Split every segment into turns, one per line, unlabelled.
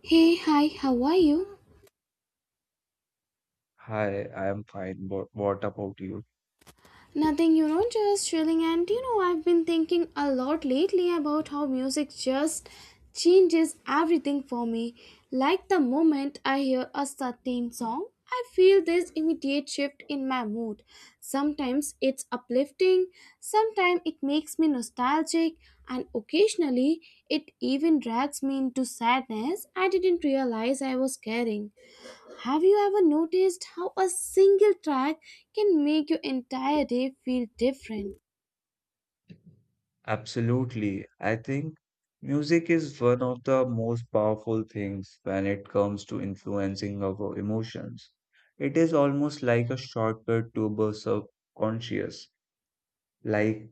Hey, hi, how are you?
Hi, I am fine. What about you?
Nothing, you know, just chilling. And you know, I've been thinking a lot lately about how music just changes everything for me. Like the moment I hear a certain song, I feel this immediate shift in my mood. Sometimes it's uplifting, sometimes it makes me nostalgic, and occasionally it even drags me into sadness I didn't realize I was carrying. Have you ever noticed how a single track can make your entire day feel different?
Absolutely. I think music is one of the most powerful things when it comes to influencing our emotions. It is almost like a shortcut to the subconscious. Like,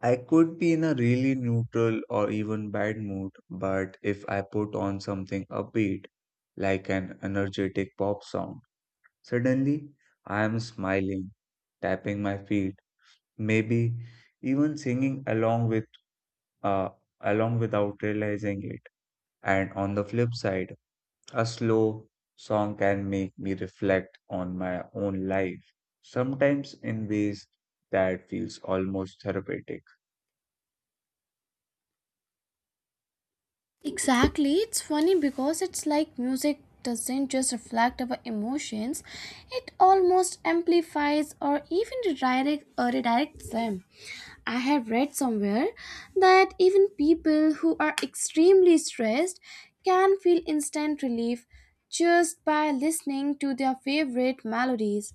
I could be in a really neutral or even bad mood, but if I put on something upbeat, like an energetic pop song, suddenly I am smiling, tapping my feet maybe even singing along with uh, along without realizing it. And on the flip side, a slow song can make me reflect on my own life, sometimes in ways that feels almost therapeutic.
Exactly, it's funny because it's like music doesn't just reflect our emotions, it almost amplifies or even redirects them. I have read somewhere that even people who are extremely stressed can feel instant relief just by listening to their favorite melodies.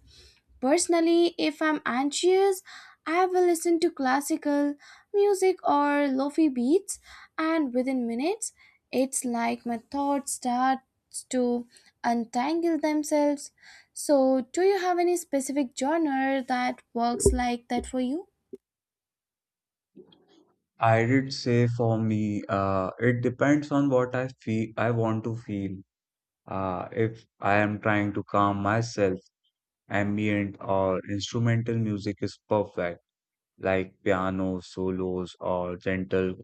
Personally, if I'm anxious, I will listen to classical music or lofi beats, and within minutes, it's like my thoughts start to untangle themselves. So, do you have any specific genre that works like that for you?
I did say for me, it depends on what I feel I want to feel. If I am trying to calm myself, ambient or instrumental music is perfect like piano solos or gentle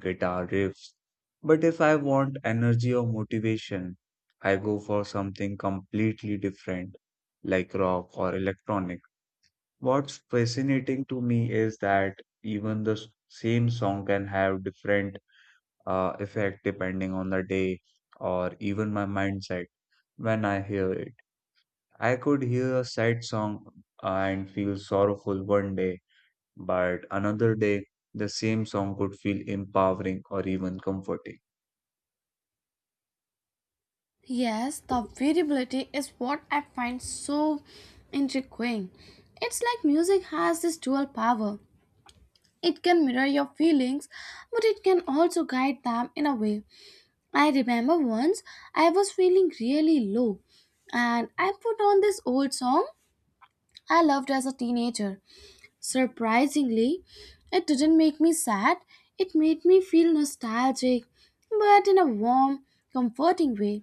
guitar riffs. But if I want energy or motivation, I go for something completely different, like rock or electronic. What's fascinating to me is that even the same song can have different effect depending on the day or even my mindset when I hear it. I could hear a sad song and feel sorrowful one day, but another day the same song could feel empowering or even comforting.
Yes, the variability is what I find so intriguing. It's like music has this dual power. It can mirror your feelings, but it can also guide them in a way. I remember once I was feeling really low and I put on this old song I loved as a teenager. Surprisingly, it didn't make me sad, it made me feel nostalgic, but in a warm, comforting way.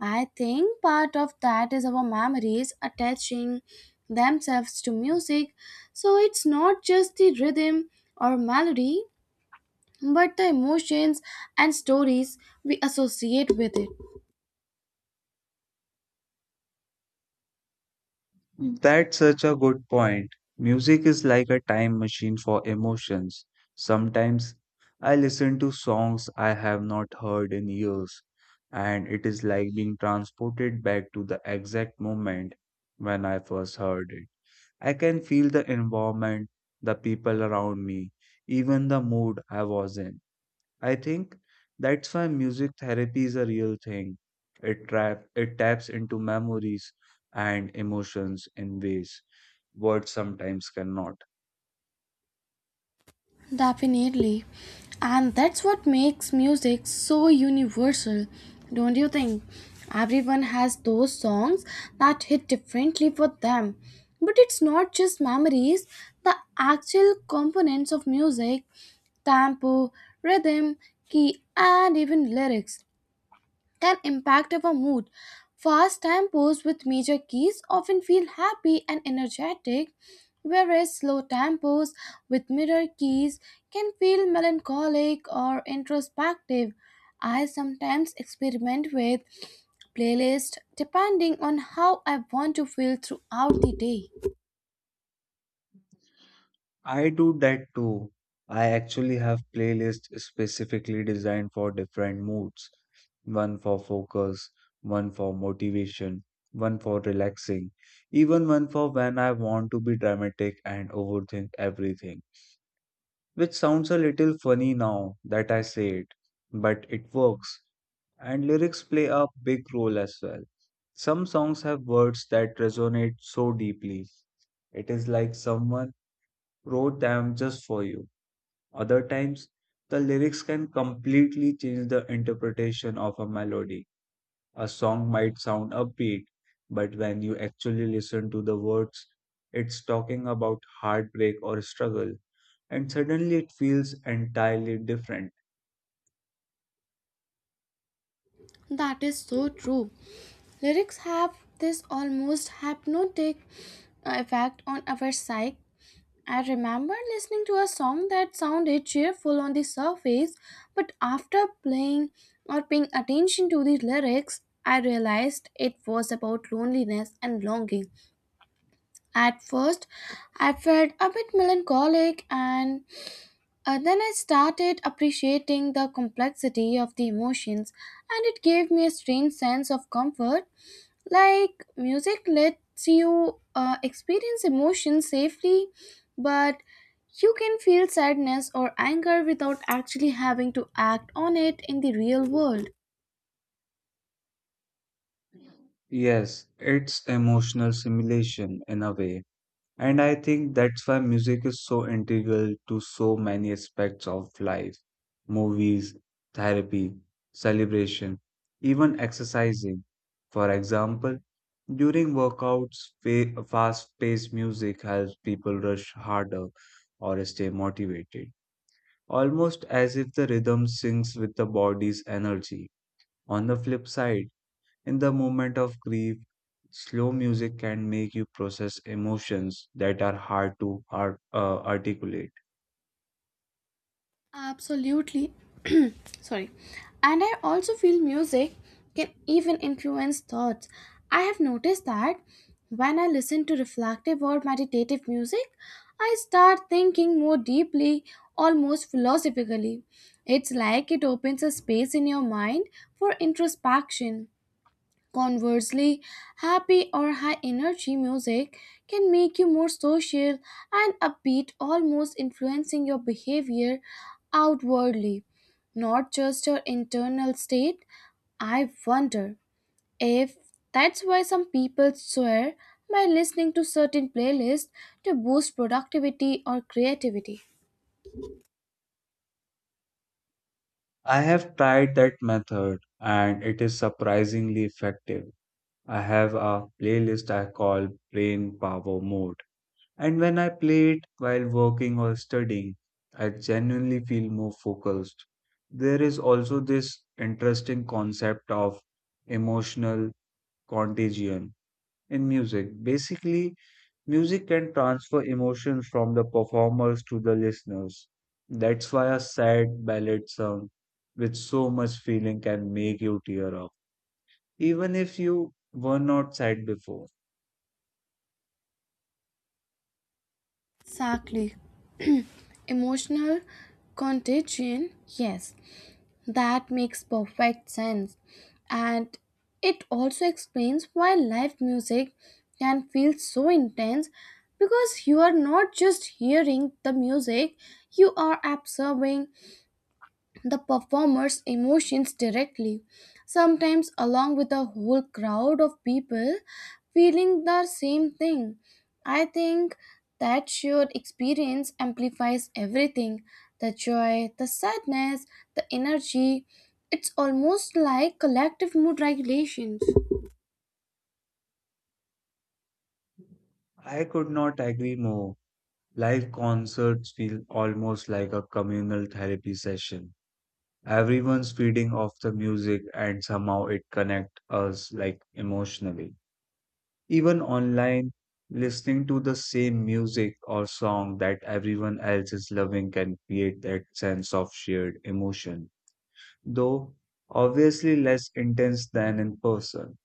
I think part of that is our memories attaching themselves to music. So it's not just the rhythm or melody, but the emotions and stories we associate with it.
Mm. That's such a good point. Music is like a time machine for emotions. Sometimes I listen to songs I have not heard in years, and it is like being transported back to the exact moment when I first heard it. I can feel the environment, the people around me, even the mood I was in. I think that's why music therapy is a real thing. It taps into memories and emotions in ways words sometimes cannot.
Definitely. And that's what makes music so universal, don't you think? Everyone has those songs that hit differently for them. But it's not just memories, the actual components of music, tempo, rhythm, key, and even lyrics can impact our mood. Fast tempos with major keys often feel happy and energetic, whereas slow tempos with minor keys can feel melancholic or introspective. I sometimes experiment with playlist depending on how I want to feel throughout the day.
I do that too. I actually have playlists specifically designed for different moods. One for focus, one for motivation, one for relaxing, even one for when I want to be dramatic and overthink everything, which sounds a little funny now that I say it, but it works. And lyrics play a big role as well. Some songs have words that resonate so deeply, it is like someone wrote them just for you. Other times, the lyrics can completely change the interpretation of a melody. A song might sound upbeat, but when you actually listen to the words, it's talking about heartbreak or struggle, and suddenly it feels entirely different.
That is so true. Lyrics have this almost hypnotic effect on our psyche. I remember listening to a song that sounded cheerful on the surface, but after playing or paying attention to the lyrics, I realized it was about loneliness and longing. At first, I felt a bit melancholic, and then I started appreciating the complexity of the emotions, and it gave me a strange sense of comfort. Like music lets you experience emotion safely, but you can feel sadness or anger without actually having to act on it in the real world.
Yes, it's emotional simulation in a way. And I think that's why music is so integral to so many aspects of life. Movies, therapy, celebration, even exercising. For example, during workouts, fast-paced music helps people rush harder or stay motivated, almost as if the rhythm syncs with the body's energy. On the flip side, in the moment of grief, slow music can make you process emotions that are hard to articulate.
Absolutely. Sorry. And I also feel music can even influence thoughts. I have noticed that when I listen to reflective or meditative music, I start thinking more deeply, almost philosophically. It's like it opens a space in your mind for introspection. Conversely, happy or high energy music can make you more social and upbeat, almost influencing your behavior outwardly, not just your internal state. I wonder if that's why some people swear by listening to certain playlists to boost productivity or creativity.
I have tried that method and it is surprisingly effective. I have a playlist I call Brain Power Mode, and when I play it while working or studying, I genuinely feel more focused. There is also this interesting concept of emotional contagion in music. Basically, music can transfer emotions from the performers to the listeners. That's why a sad ballad song with so much feeling can make you tear up, even if you were not sad before.
Exactly. Emotional contagion, yes. That makes perfect sense. And it also explains why live music can feel so intense because you are not just hearing the music, you are absorbing the performer's emotions directly, sometimes along with a whole crowd of people feeling the same thing. I think that shared experience amplifies everything, the joy, the sadness, the energy. It's almost like collective mood regulations.
I could not agree more. Live concerts feel almost like a communal therapy session. Everyone's feeding off the music and somehow it connects us like emotionally. Even online, listening to the same music or song that everyone else is loving can create that sense of shared emotion, though obviously less intense than in person.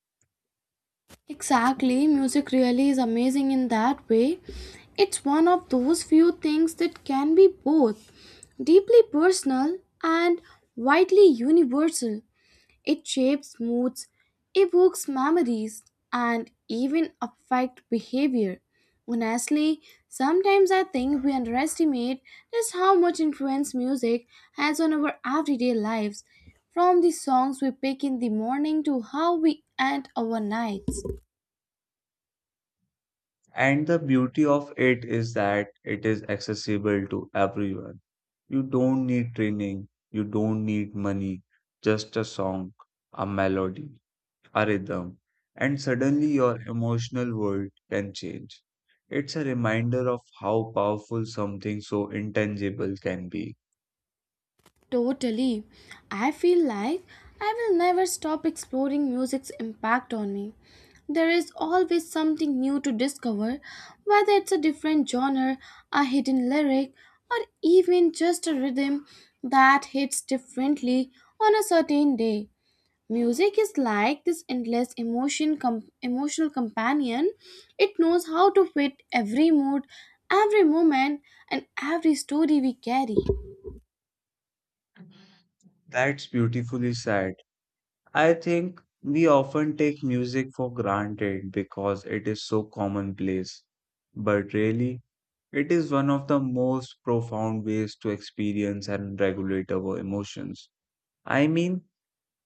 Exactly, music really is amazing in that way. It's one of those few things that can be both deeply personal and widely universal. It shapes moods, evokes memories, and even affects behavior. Honestly, sometimes I think we underestimate just how much influence music has on our everyday lives, from the songs we pick in the morning to how we end our nights.
And the beauty of it is that it is accessible to everyone. You don't need training, you don't need money, just a song, a melody, a rhythm, and suddenly your emotional world can change. It's a reminder of how powerful something so intangible can be.
Totally. I feel like I will never stop exploring music's impact on me. There is always something new to discover, whether it's a different genre, a hidden lyric, or even just a rhythm that hits differently on a certain day. Music is like this endless emotional companion. It knows how to fit every mood, every moment, and every story we carry.
That's beautifully said. I think we often take music for granted because it is so commonplace, but really, it is one of the most profound ways to experience and regulate our emotions. I mean,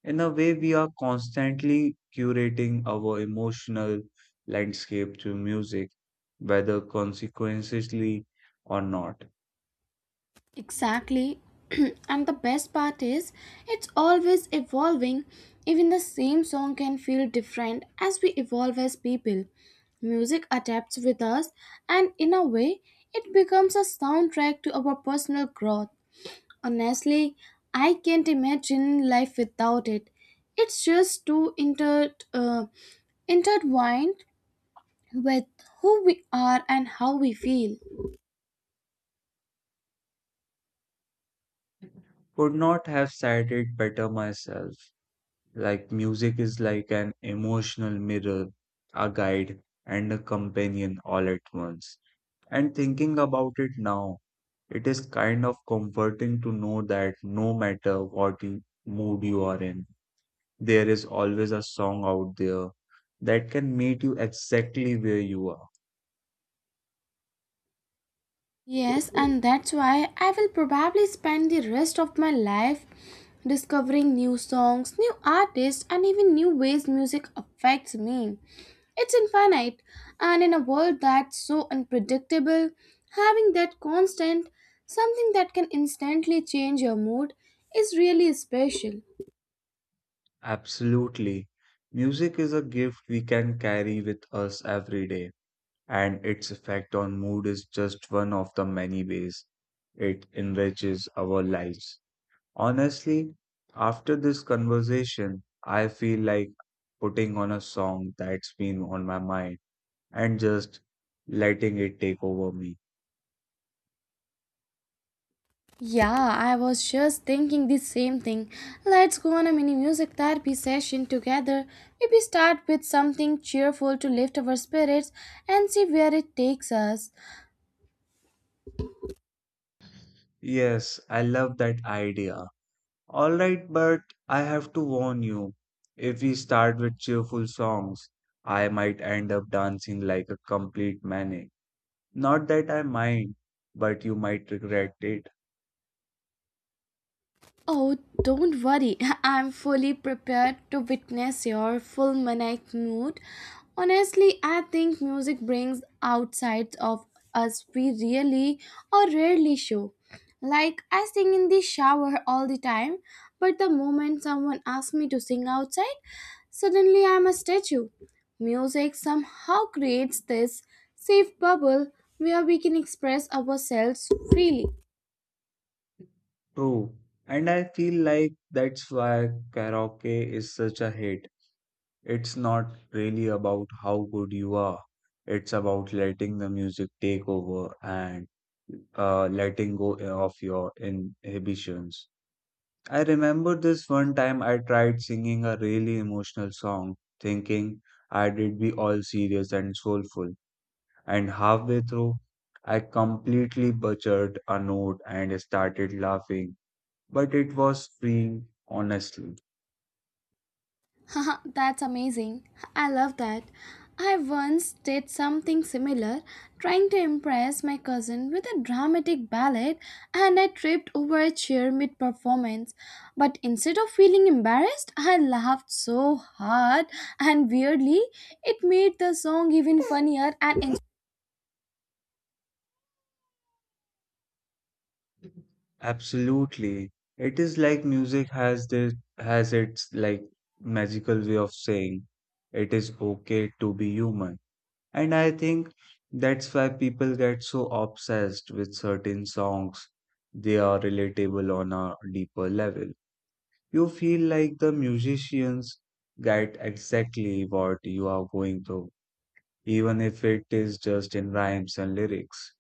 in a way, we are constantly curating our emotional landscape to music, whether consequentially or not.
Exactly. And the best part is, it's always evolving. Even the same song can feel different as we evolve as people. Music adapts with us, and in a way, it becomes a soundtrack to our personal growth. Honestly, I can't imagine life without it. It's just too intertwined with who we are and how we feel.
Could not have said it better myself. Like, music is like an emotional mirror, a guide, and a companion all at once. And thinking about it now, it is kind of comforting to know that no matter what mood you are in, there is always a song out there that can meet you exactly where you are.
Yes, and that's why I will probably spend the rest of my life discovering new songs, new artists, and even new ways music affects me. It's infinite, and in a world that's so unpredictable, having that constant, something that can instantly change your mood, is really special.
Absolutely. Music is a gift we can carry with us every day, and its effect on mood is just one of the many ways it enriches our lives. Honestly, after this conversation, I feel like putting on a song that's been on my mind and just letting it take over me.
Yeah, I was just thinking the same thing. Let's go on a mini music therapy session together. Maybe start with something cheerful to lift our spirits and see where it takes us.
Yes, I love that idea. Alright, but I have to warn you. If we start with cheerful songs, I might end up dancing like a complete maniac. Not that I mind, but you might regret it.
Oh, don't worry. I'm fully prepared to witness your full maniac mood. Honestly, I think music brings out sides of us we really or rarely show. Like, I sing in the shower all the time, but the moment someone asks me to sing outside, suddenly I'm a statue. Music somehow creates this safe bubble where we can express ourselves freely.
True. And I feel like that's why karaoke is such a hit. It's not really about how good you are, it's about letting the music take over and letting go of your inhibitions. I remember this one time I tried singing a really emotional song, thinking I'd be all serious and soulful, and halfway through, I completely butchered a note and started laughing. But it was freeing, honestly.
Haha, that's amazing. I love that. I once did something similar, trying to impress my cousin with a dramatic ballad, and I tripped over a chair mid performance. But instead of feeling embarrassed, I laughed so hard, and weirdly, it made the song even funnier and
Absolutely. It is like music has its magical way of saying it is okay to be human. And I think that's why people get so obsessed with certain songs. They are relatable on a deeper level. You feel like the musicians get exactly what you are going through, even if it is just in rhymes and lyrics.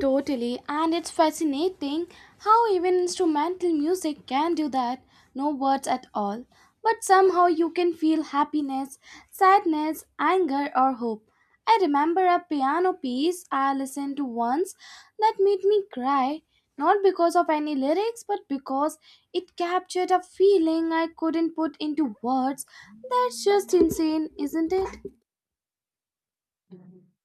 Totally, and it's fascinating how even instrumental music can do that, no words at all, but somehow you can feel happiness, sadness, anger, or hope. I remember a piano piece I listened to once that made me cry, not because of any lyrics, but because it captured a feeling I couldn't put into words. That's just insane, isn't it?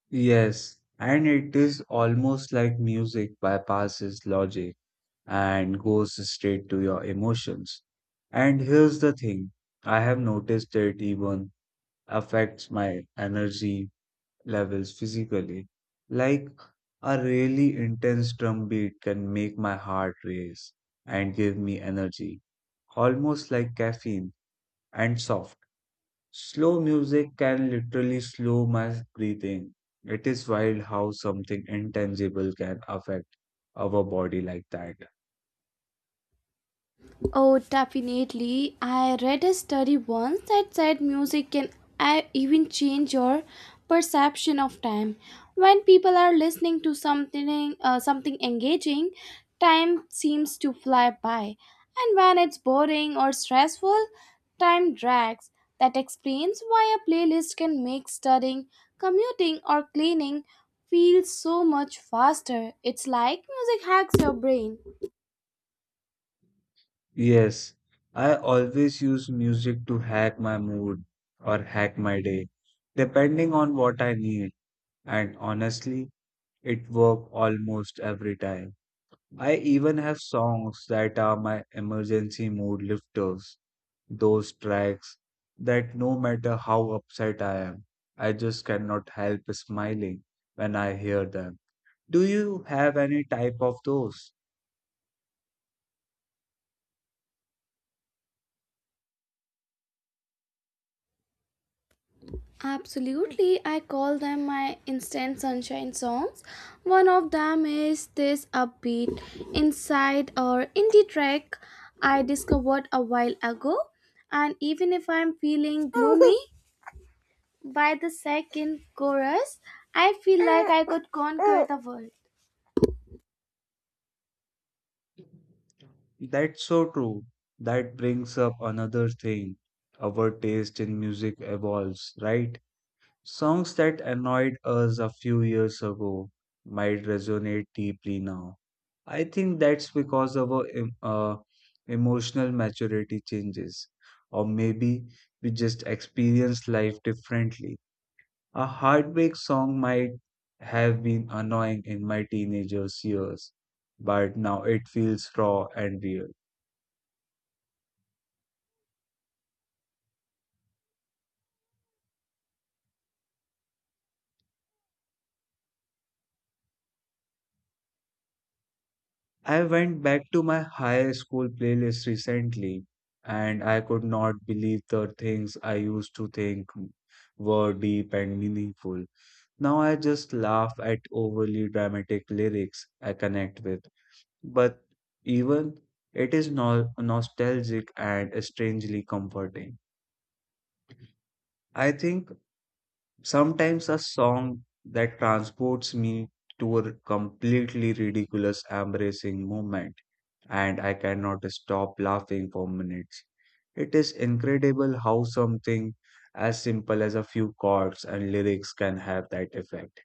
Yes, and it is almost like music bypasses logic and goes straight to your emotions. And here's the thing, I have noticed it even affects my energy levels physically. Like a really intense drum beat can make my heart race and give me energy, almost like caffeine and soft. Slow music can literally slow my breathing. It is wild how something intangible can affect our body like that.
Oh, definitely. I read a study once that said music can even change your perception of time. When people are listening to something engaging, time seems to fly by. And when it's boring or stressful, time drags. That explains why a playlist can make studying, commuting or cleaning feel so much faster. It's like music hacks your brain.
Yes, I always use music to hack my mood or hack my day, depending on what I need. And honestly, it worked almost every time. I even have songs that are my emergency mood lifters, those tracks that no matter how upset I am, I just cannot help smiling when I hear them. Do you have any type of those?
Absolutely, I call them my instant sunshine songs. One of them is this upbeat inside or indie track I discovered a while ago. And even if I'm feeling gloomy, by the second chorus, I feel like I could conquer the world.
That's so true. That brings up another thing. Our taste in music evolves, right? Songs that annoyed us a few years ago might resonate deeply now. I think that's because our emotional maturity changes, or maybe we just experience life differently. A heartbreak song might have been annoying in my teenagers' years, but now it feels raw and real. I went back to my high school playlist recently, and I could not believe the things I used to think were deep and meaningful. Now I just laugh at overly dramatic lyrics I connect with. But even it is no nostalgic and strangely comforting. I think sometimes a song that transports me to a completely ridiculous, embracing moment, and I cannot stop laughing for minutes. It is incredible how something as simple as a few chords and lyrics can have that effect.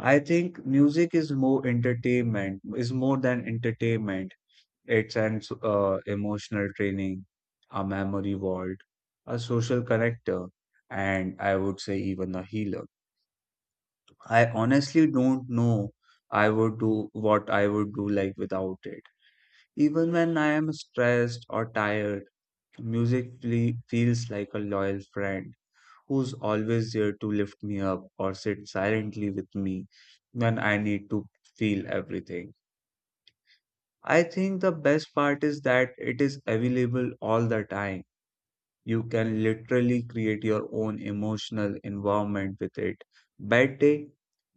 I think music is more than entertainment. It's an emotional training, a memory vault, a social connector, and I would say even a healer. I honestly don't know I would do what I would do like without it. Even when I am stressed or tired, music feels like a loyal friend who's always there to lift me up or sit silently with me when I need to feel everything. I think the best part is that it is available all the time. You can literally create your own emotional environment with it. Bad day,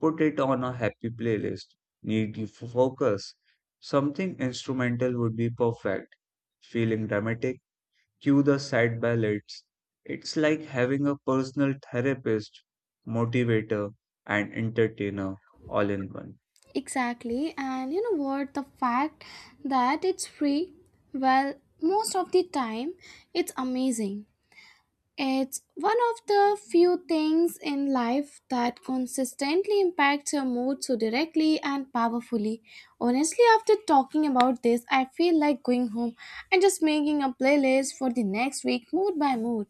put it on a happy playlist. Need you for focus. Something instrumental would be perfect. Feeling dramatic, cue the sad ballads. It's like having a personal therapist, motivator, and entertainer all in one.
Exactly, and you know what? The fact that it's free, well, most of the time, it's amazing. It's one of the few things in life that consistently impacts your mood so directly and powerfully. Honestly, after talking about this, I feel like going home and just making a playlist for the next week, mood by mood.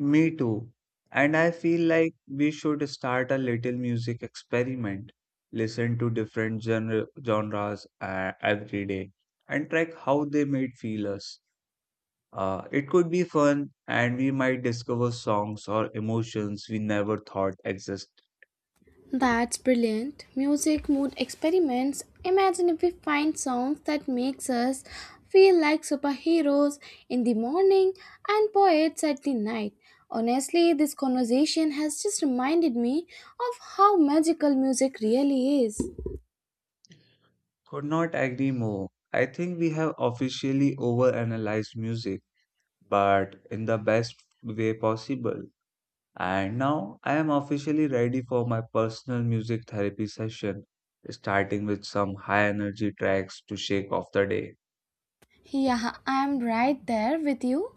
Me too. And I feel like we should start a little music experiment. Listen to different genres every day and track how they made feel us. It could be fun, and we might discover songs or emotions we never thought exist.
That's brilliant. Music mood experiments. Imagine if we find songs that makes us feel like superheroes in the morning and poets at the night. Honestly, this conversation has just reminded me of how magical music really is.
Could not agree more. I think we have officially overanalyzed music, but in the best way possible. And now I am officially ready for my personal music therapy session, starting with some high energy tracks to shake off the day.
Yeah, I'm right there with you.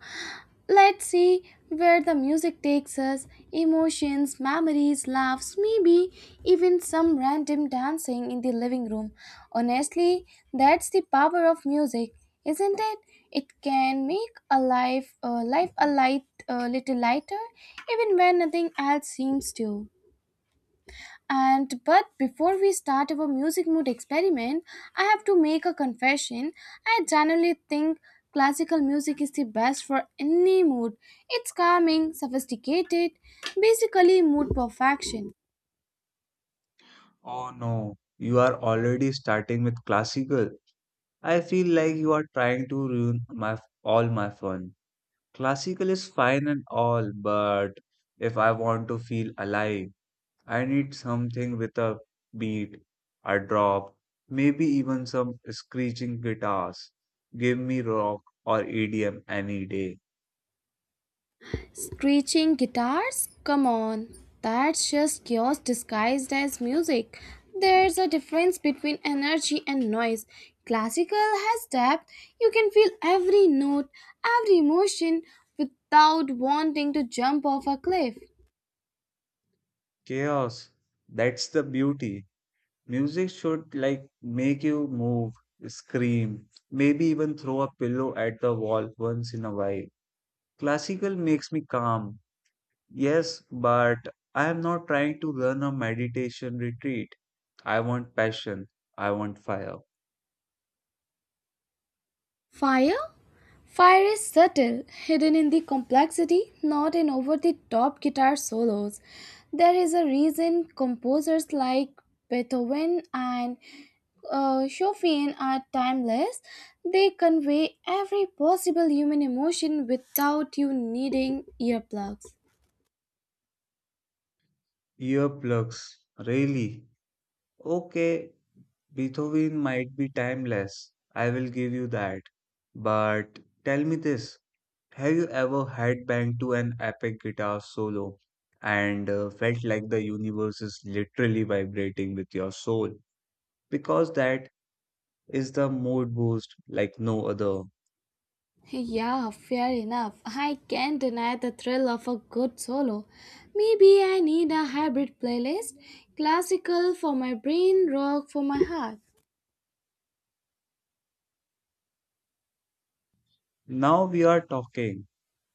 Let's see where the music takes us, emotions, memories, laughs, maybe even some random dancing in the living room. Honestly, that's the power of music, isn't it? It can make a life a little lighter, even when nothing else seems to. And but before we start our music mood experiment, I have to make a confession. I generally think classical music is the best for any mood. It's calming, sophisticated, basically mood perfection.
Oh no, you are already starting with classical. I feel like you are trying to ruin my all my fun. Classical is fine and all, but if I want to feel alive, I need something with a beat, a drop, maybe even some screeching guitars. Give me rock or EDM any day.
Screeching guitars? Come on, that's just chaos disguised as music. There's a difference between energy and noise. Classical has depth. You can feel every note, every emotion without wanting to jump off a cliff.
Chaos. That's the beauty. Music should like make you move, scream, maybe even throw a pillow at the wall once in a while. Classical makes me calm. Yes, but I am not trying to run a meditation retreat. I want passion. I want fire.
Fire? Fire is subtle, hidden in the complexity, not in over the top guitar solos. There is a reason composers like Beethoven and Shofian are timeless. They convey every possible human emotion without you needing earplugs.
Earplugs, really? Okay, Beethoven might be timeless, I will give you that. But tell me this, have you ever headbanged to an epic guitar solo and felt like the universe is literally vibrating with your soul? Because that is the mood boost like no other.
Yeah, fair enough. I can't deny the thrill of a good solo. Maybe I need a hybrid playlist, classical for my brain, rock for my heart.
Now we are talking.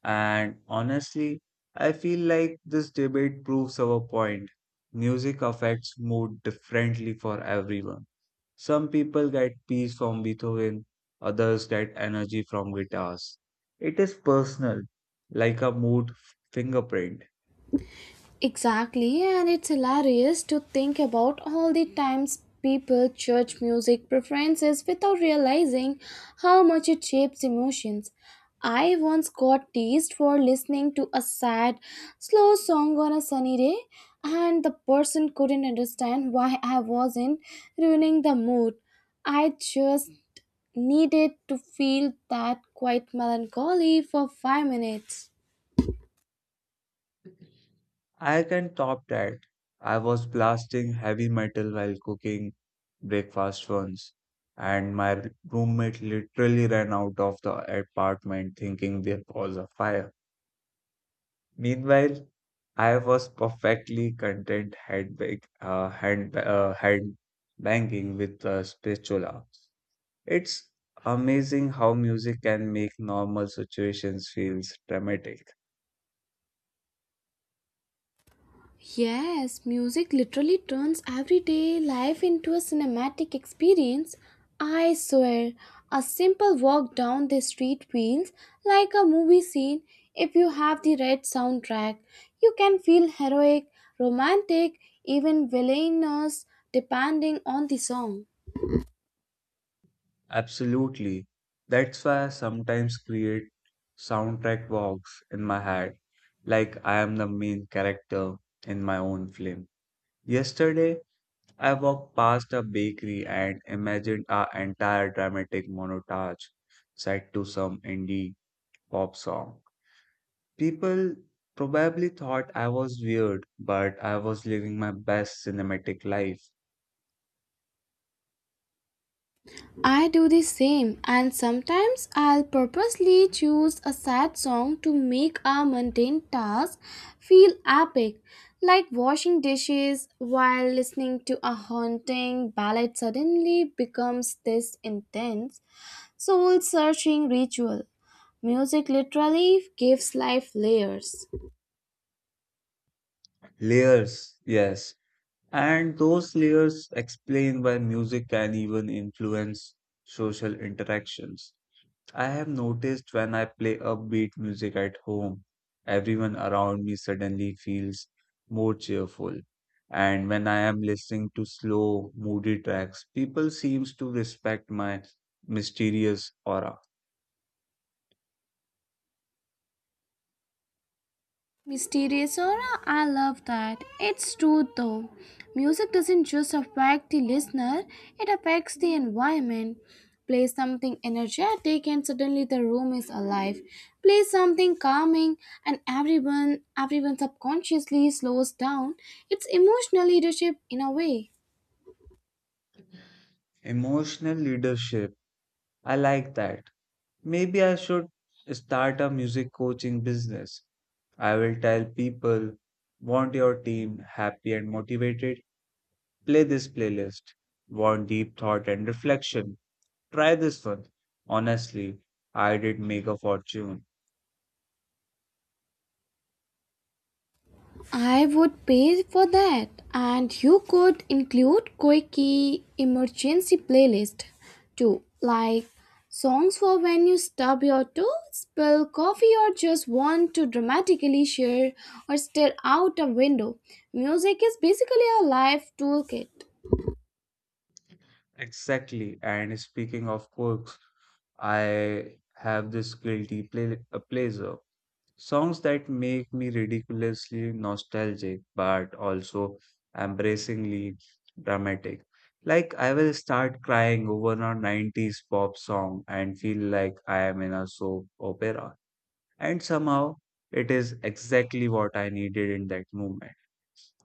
And honestly, I feel like this debate proves our point. Music affects mood differently for everyone. Some people get peace from Beethoven, others get energy from guitars. It is personal, like a mood fingerprint.
Exactly, and it's hilarious to think about all the times people judge music preferences without realizing how much it shapes emotions. I once got teased for listening to a sad, slow song on a sunny day, and the person couldn't understand why I wasn't ruining the mood. I just needed to feel that quiet melancholy for 5 minutes.
I can top that. I was blasting heavy metal while cooking breakfast once, and my roommate literally ran out of the apartment thinking there was a fire. Meanwhile, I was perfectly content hand banging with a spatula. It's amazing how music can make normal situations feel dramatic.
Yes, music literally turns everyday life into a cinematic experience. I swear, a simple walk down the street feels like a movie scene if you have the right soundtrack. You can feel heroic, romantic, even villainous depending on the song.
Absolutely. That's why I sometimes create soundtrack walks in my head, like I am the main character in my own film. Yesterday, I walked past a bakery and imagined an entire dramatic montage set to some indie pop song. People probably thought I was weird, but I was living my best cinematic life.
I do the same, and sometimes I'll purposely choose a sad song to make a mundane task feel epic, like washing dishes while listening to a haunting ballad suddenly becomes this intense, soul searching ritual. Music literally gives life layers.
Layers, yes. And those layers explain why music can even influence social interactions. I have noticed when I play upbeat music at home, everyone around me suddenly feels more cheerful. And when I am listening to slow, moody tracks, people seems to respect my mysterious aura.
Mysterious aura, I love that. It's true though. Music doesn't just affect the listener, it affects the environment. Play something energetic and suddenly the room is alive. Play something calming and everyone subconsciously slows down. It's emotional leadership in a way.
Emotional leadership, I like that. Maybe I should start a music coaching business. I will tell people, want your team happy and motivated? Play this playlist. Want deep thought and reflection? Try this one. Honestly, I did make a fortune.
I would pay for that. And you could include quirky emergency playlist too, like songs for when you stub your toe, spill coffee, or just want to dramatically share or stare out a window. Music is basically a life toolkit.
Exactly. And speaking of quirks, I have this pleasure. Songs that make me ridiculously nostalgic, but also embracingly dramatic. Like, I will start crying over a 90s pop song and feel like I am in a soap opera. And somehow, it is exactly what I needed in that moment.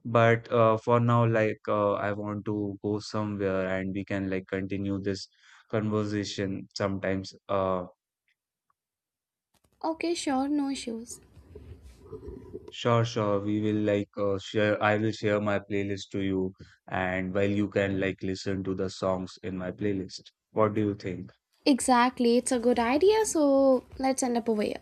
But for now, like I want to go somewhere and we can like continue this conversation sometimes.
Okay, sure, no issues.
Sure, sure. We will like share. I will share my playlist to you, and while you can like listen to the songs in my playlist. What do you think?
Exactly, it's a good idea, so let's end up over here.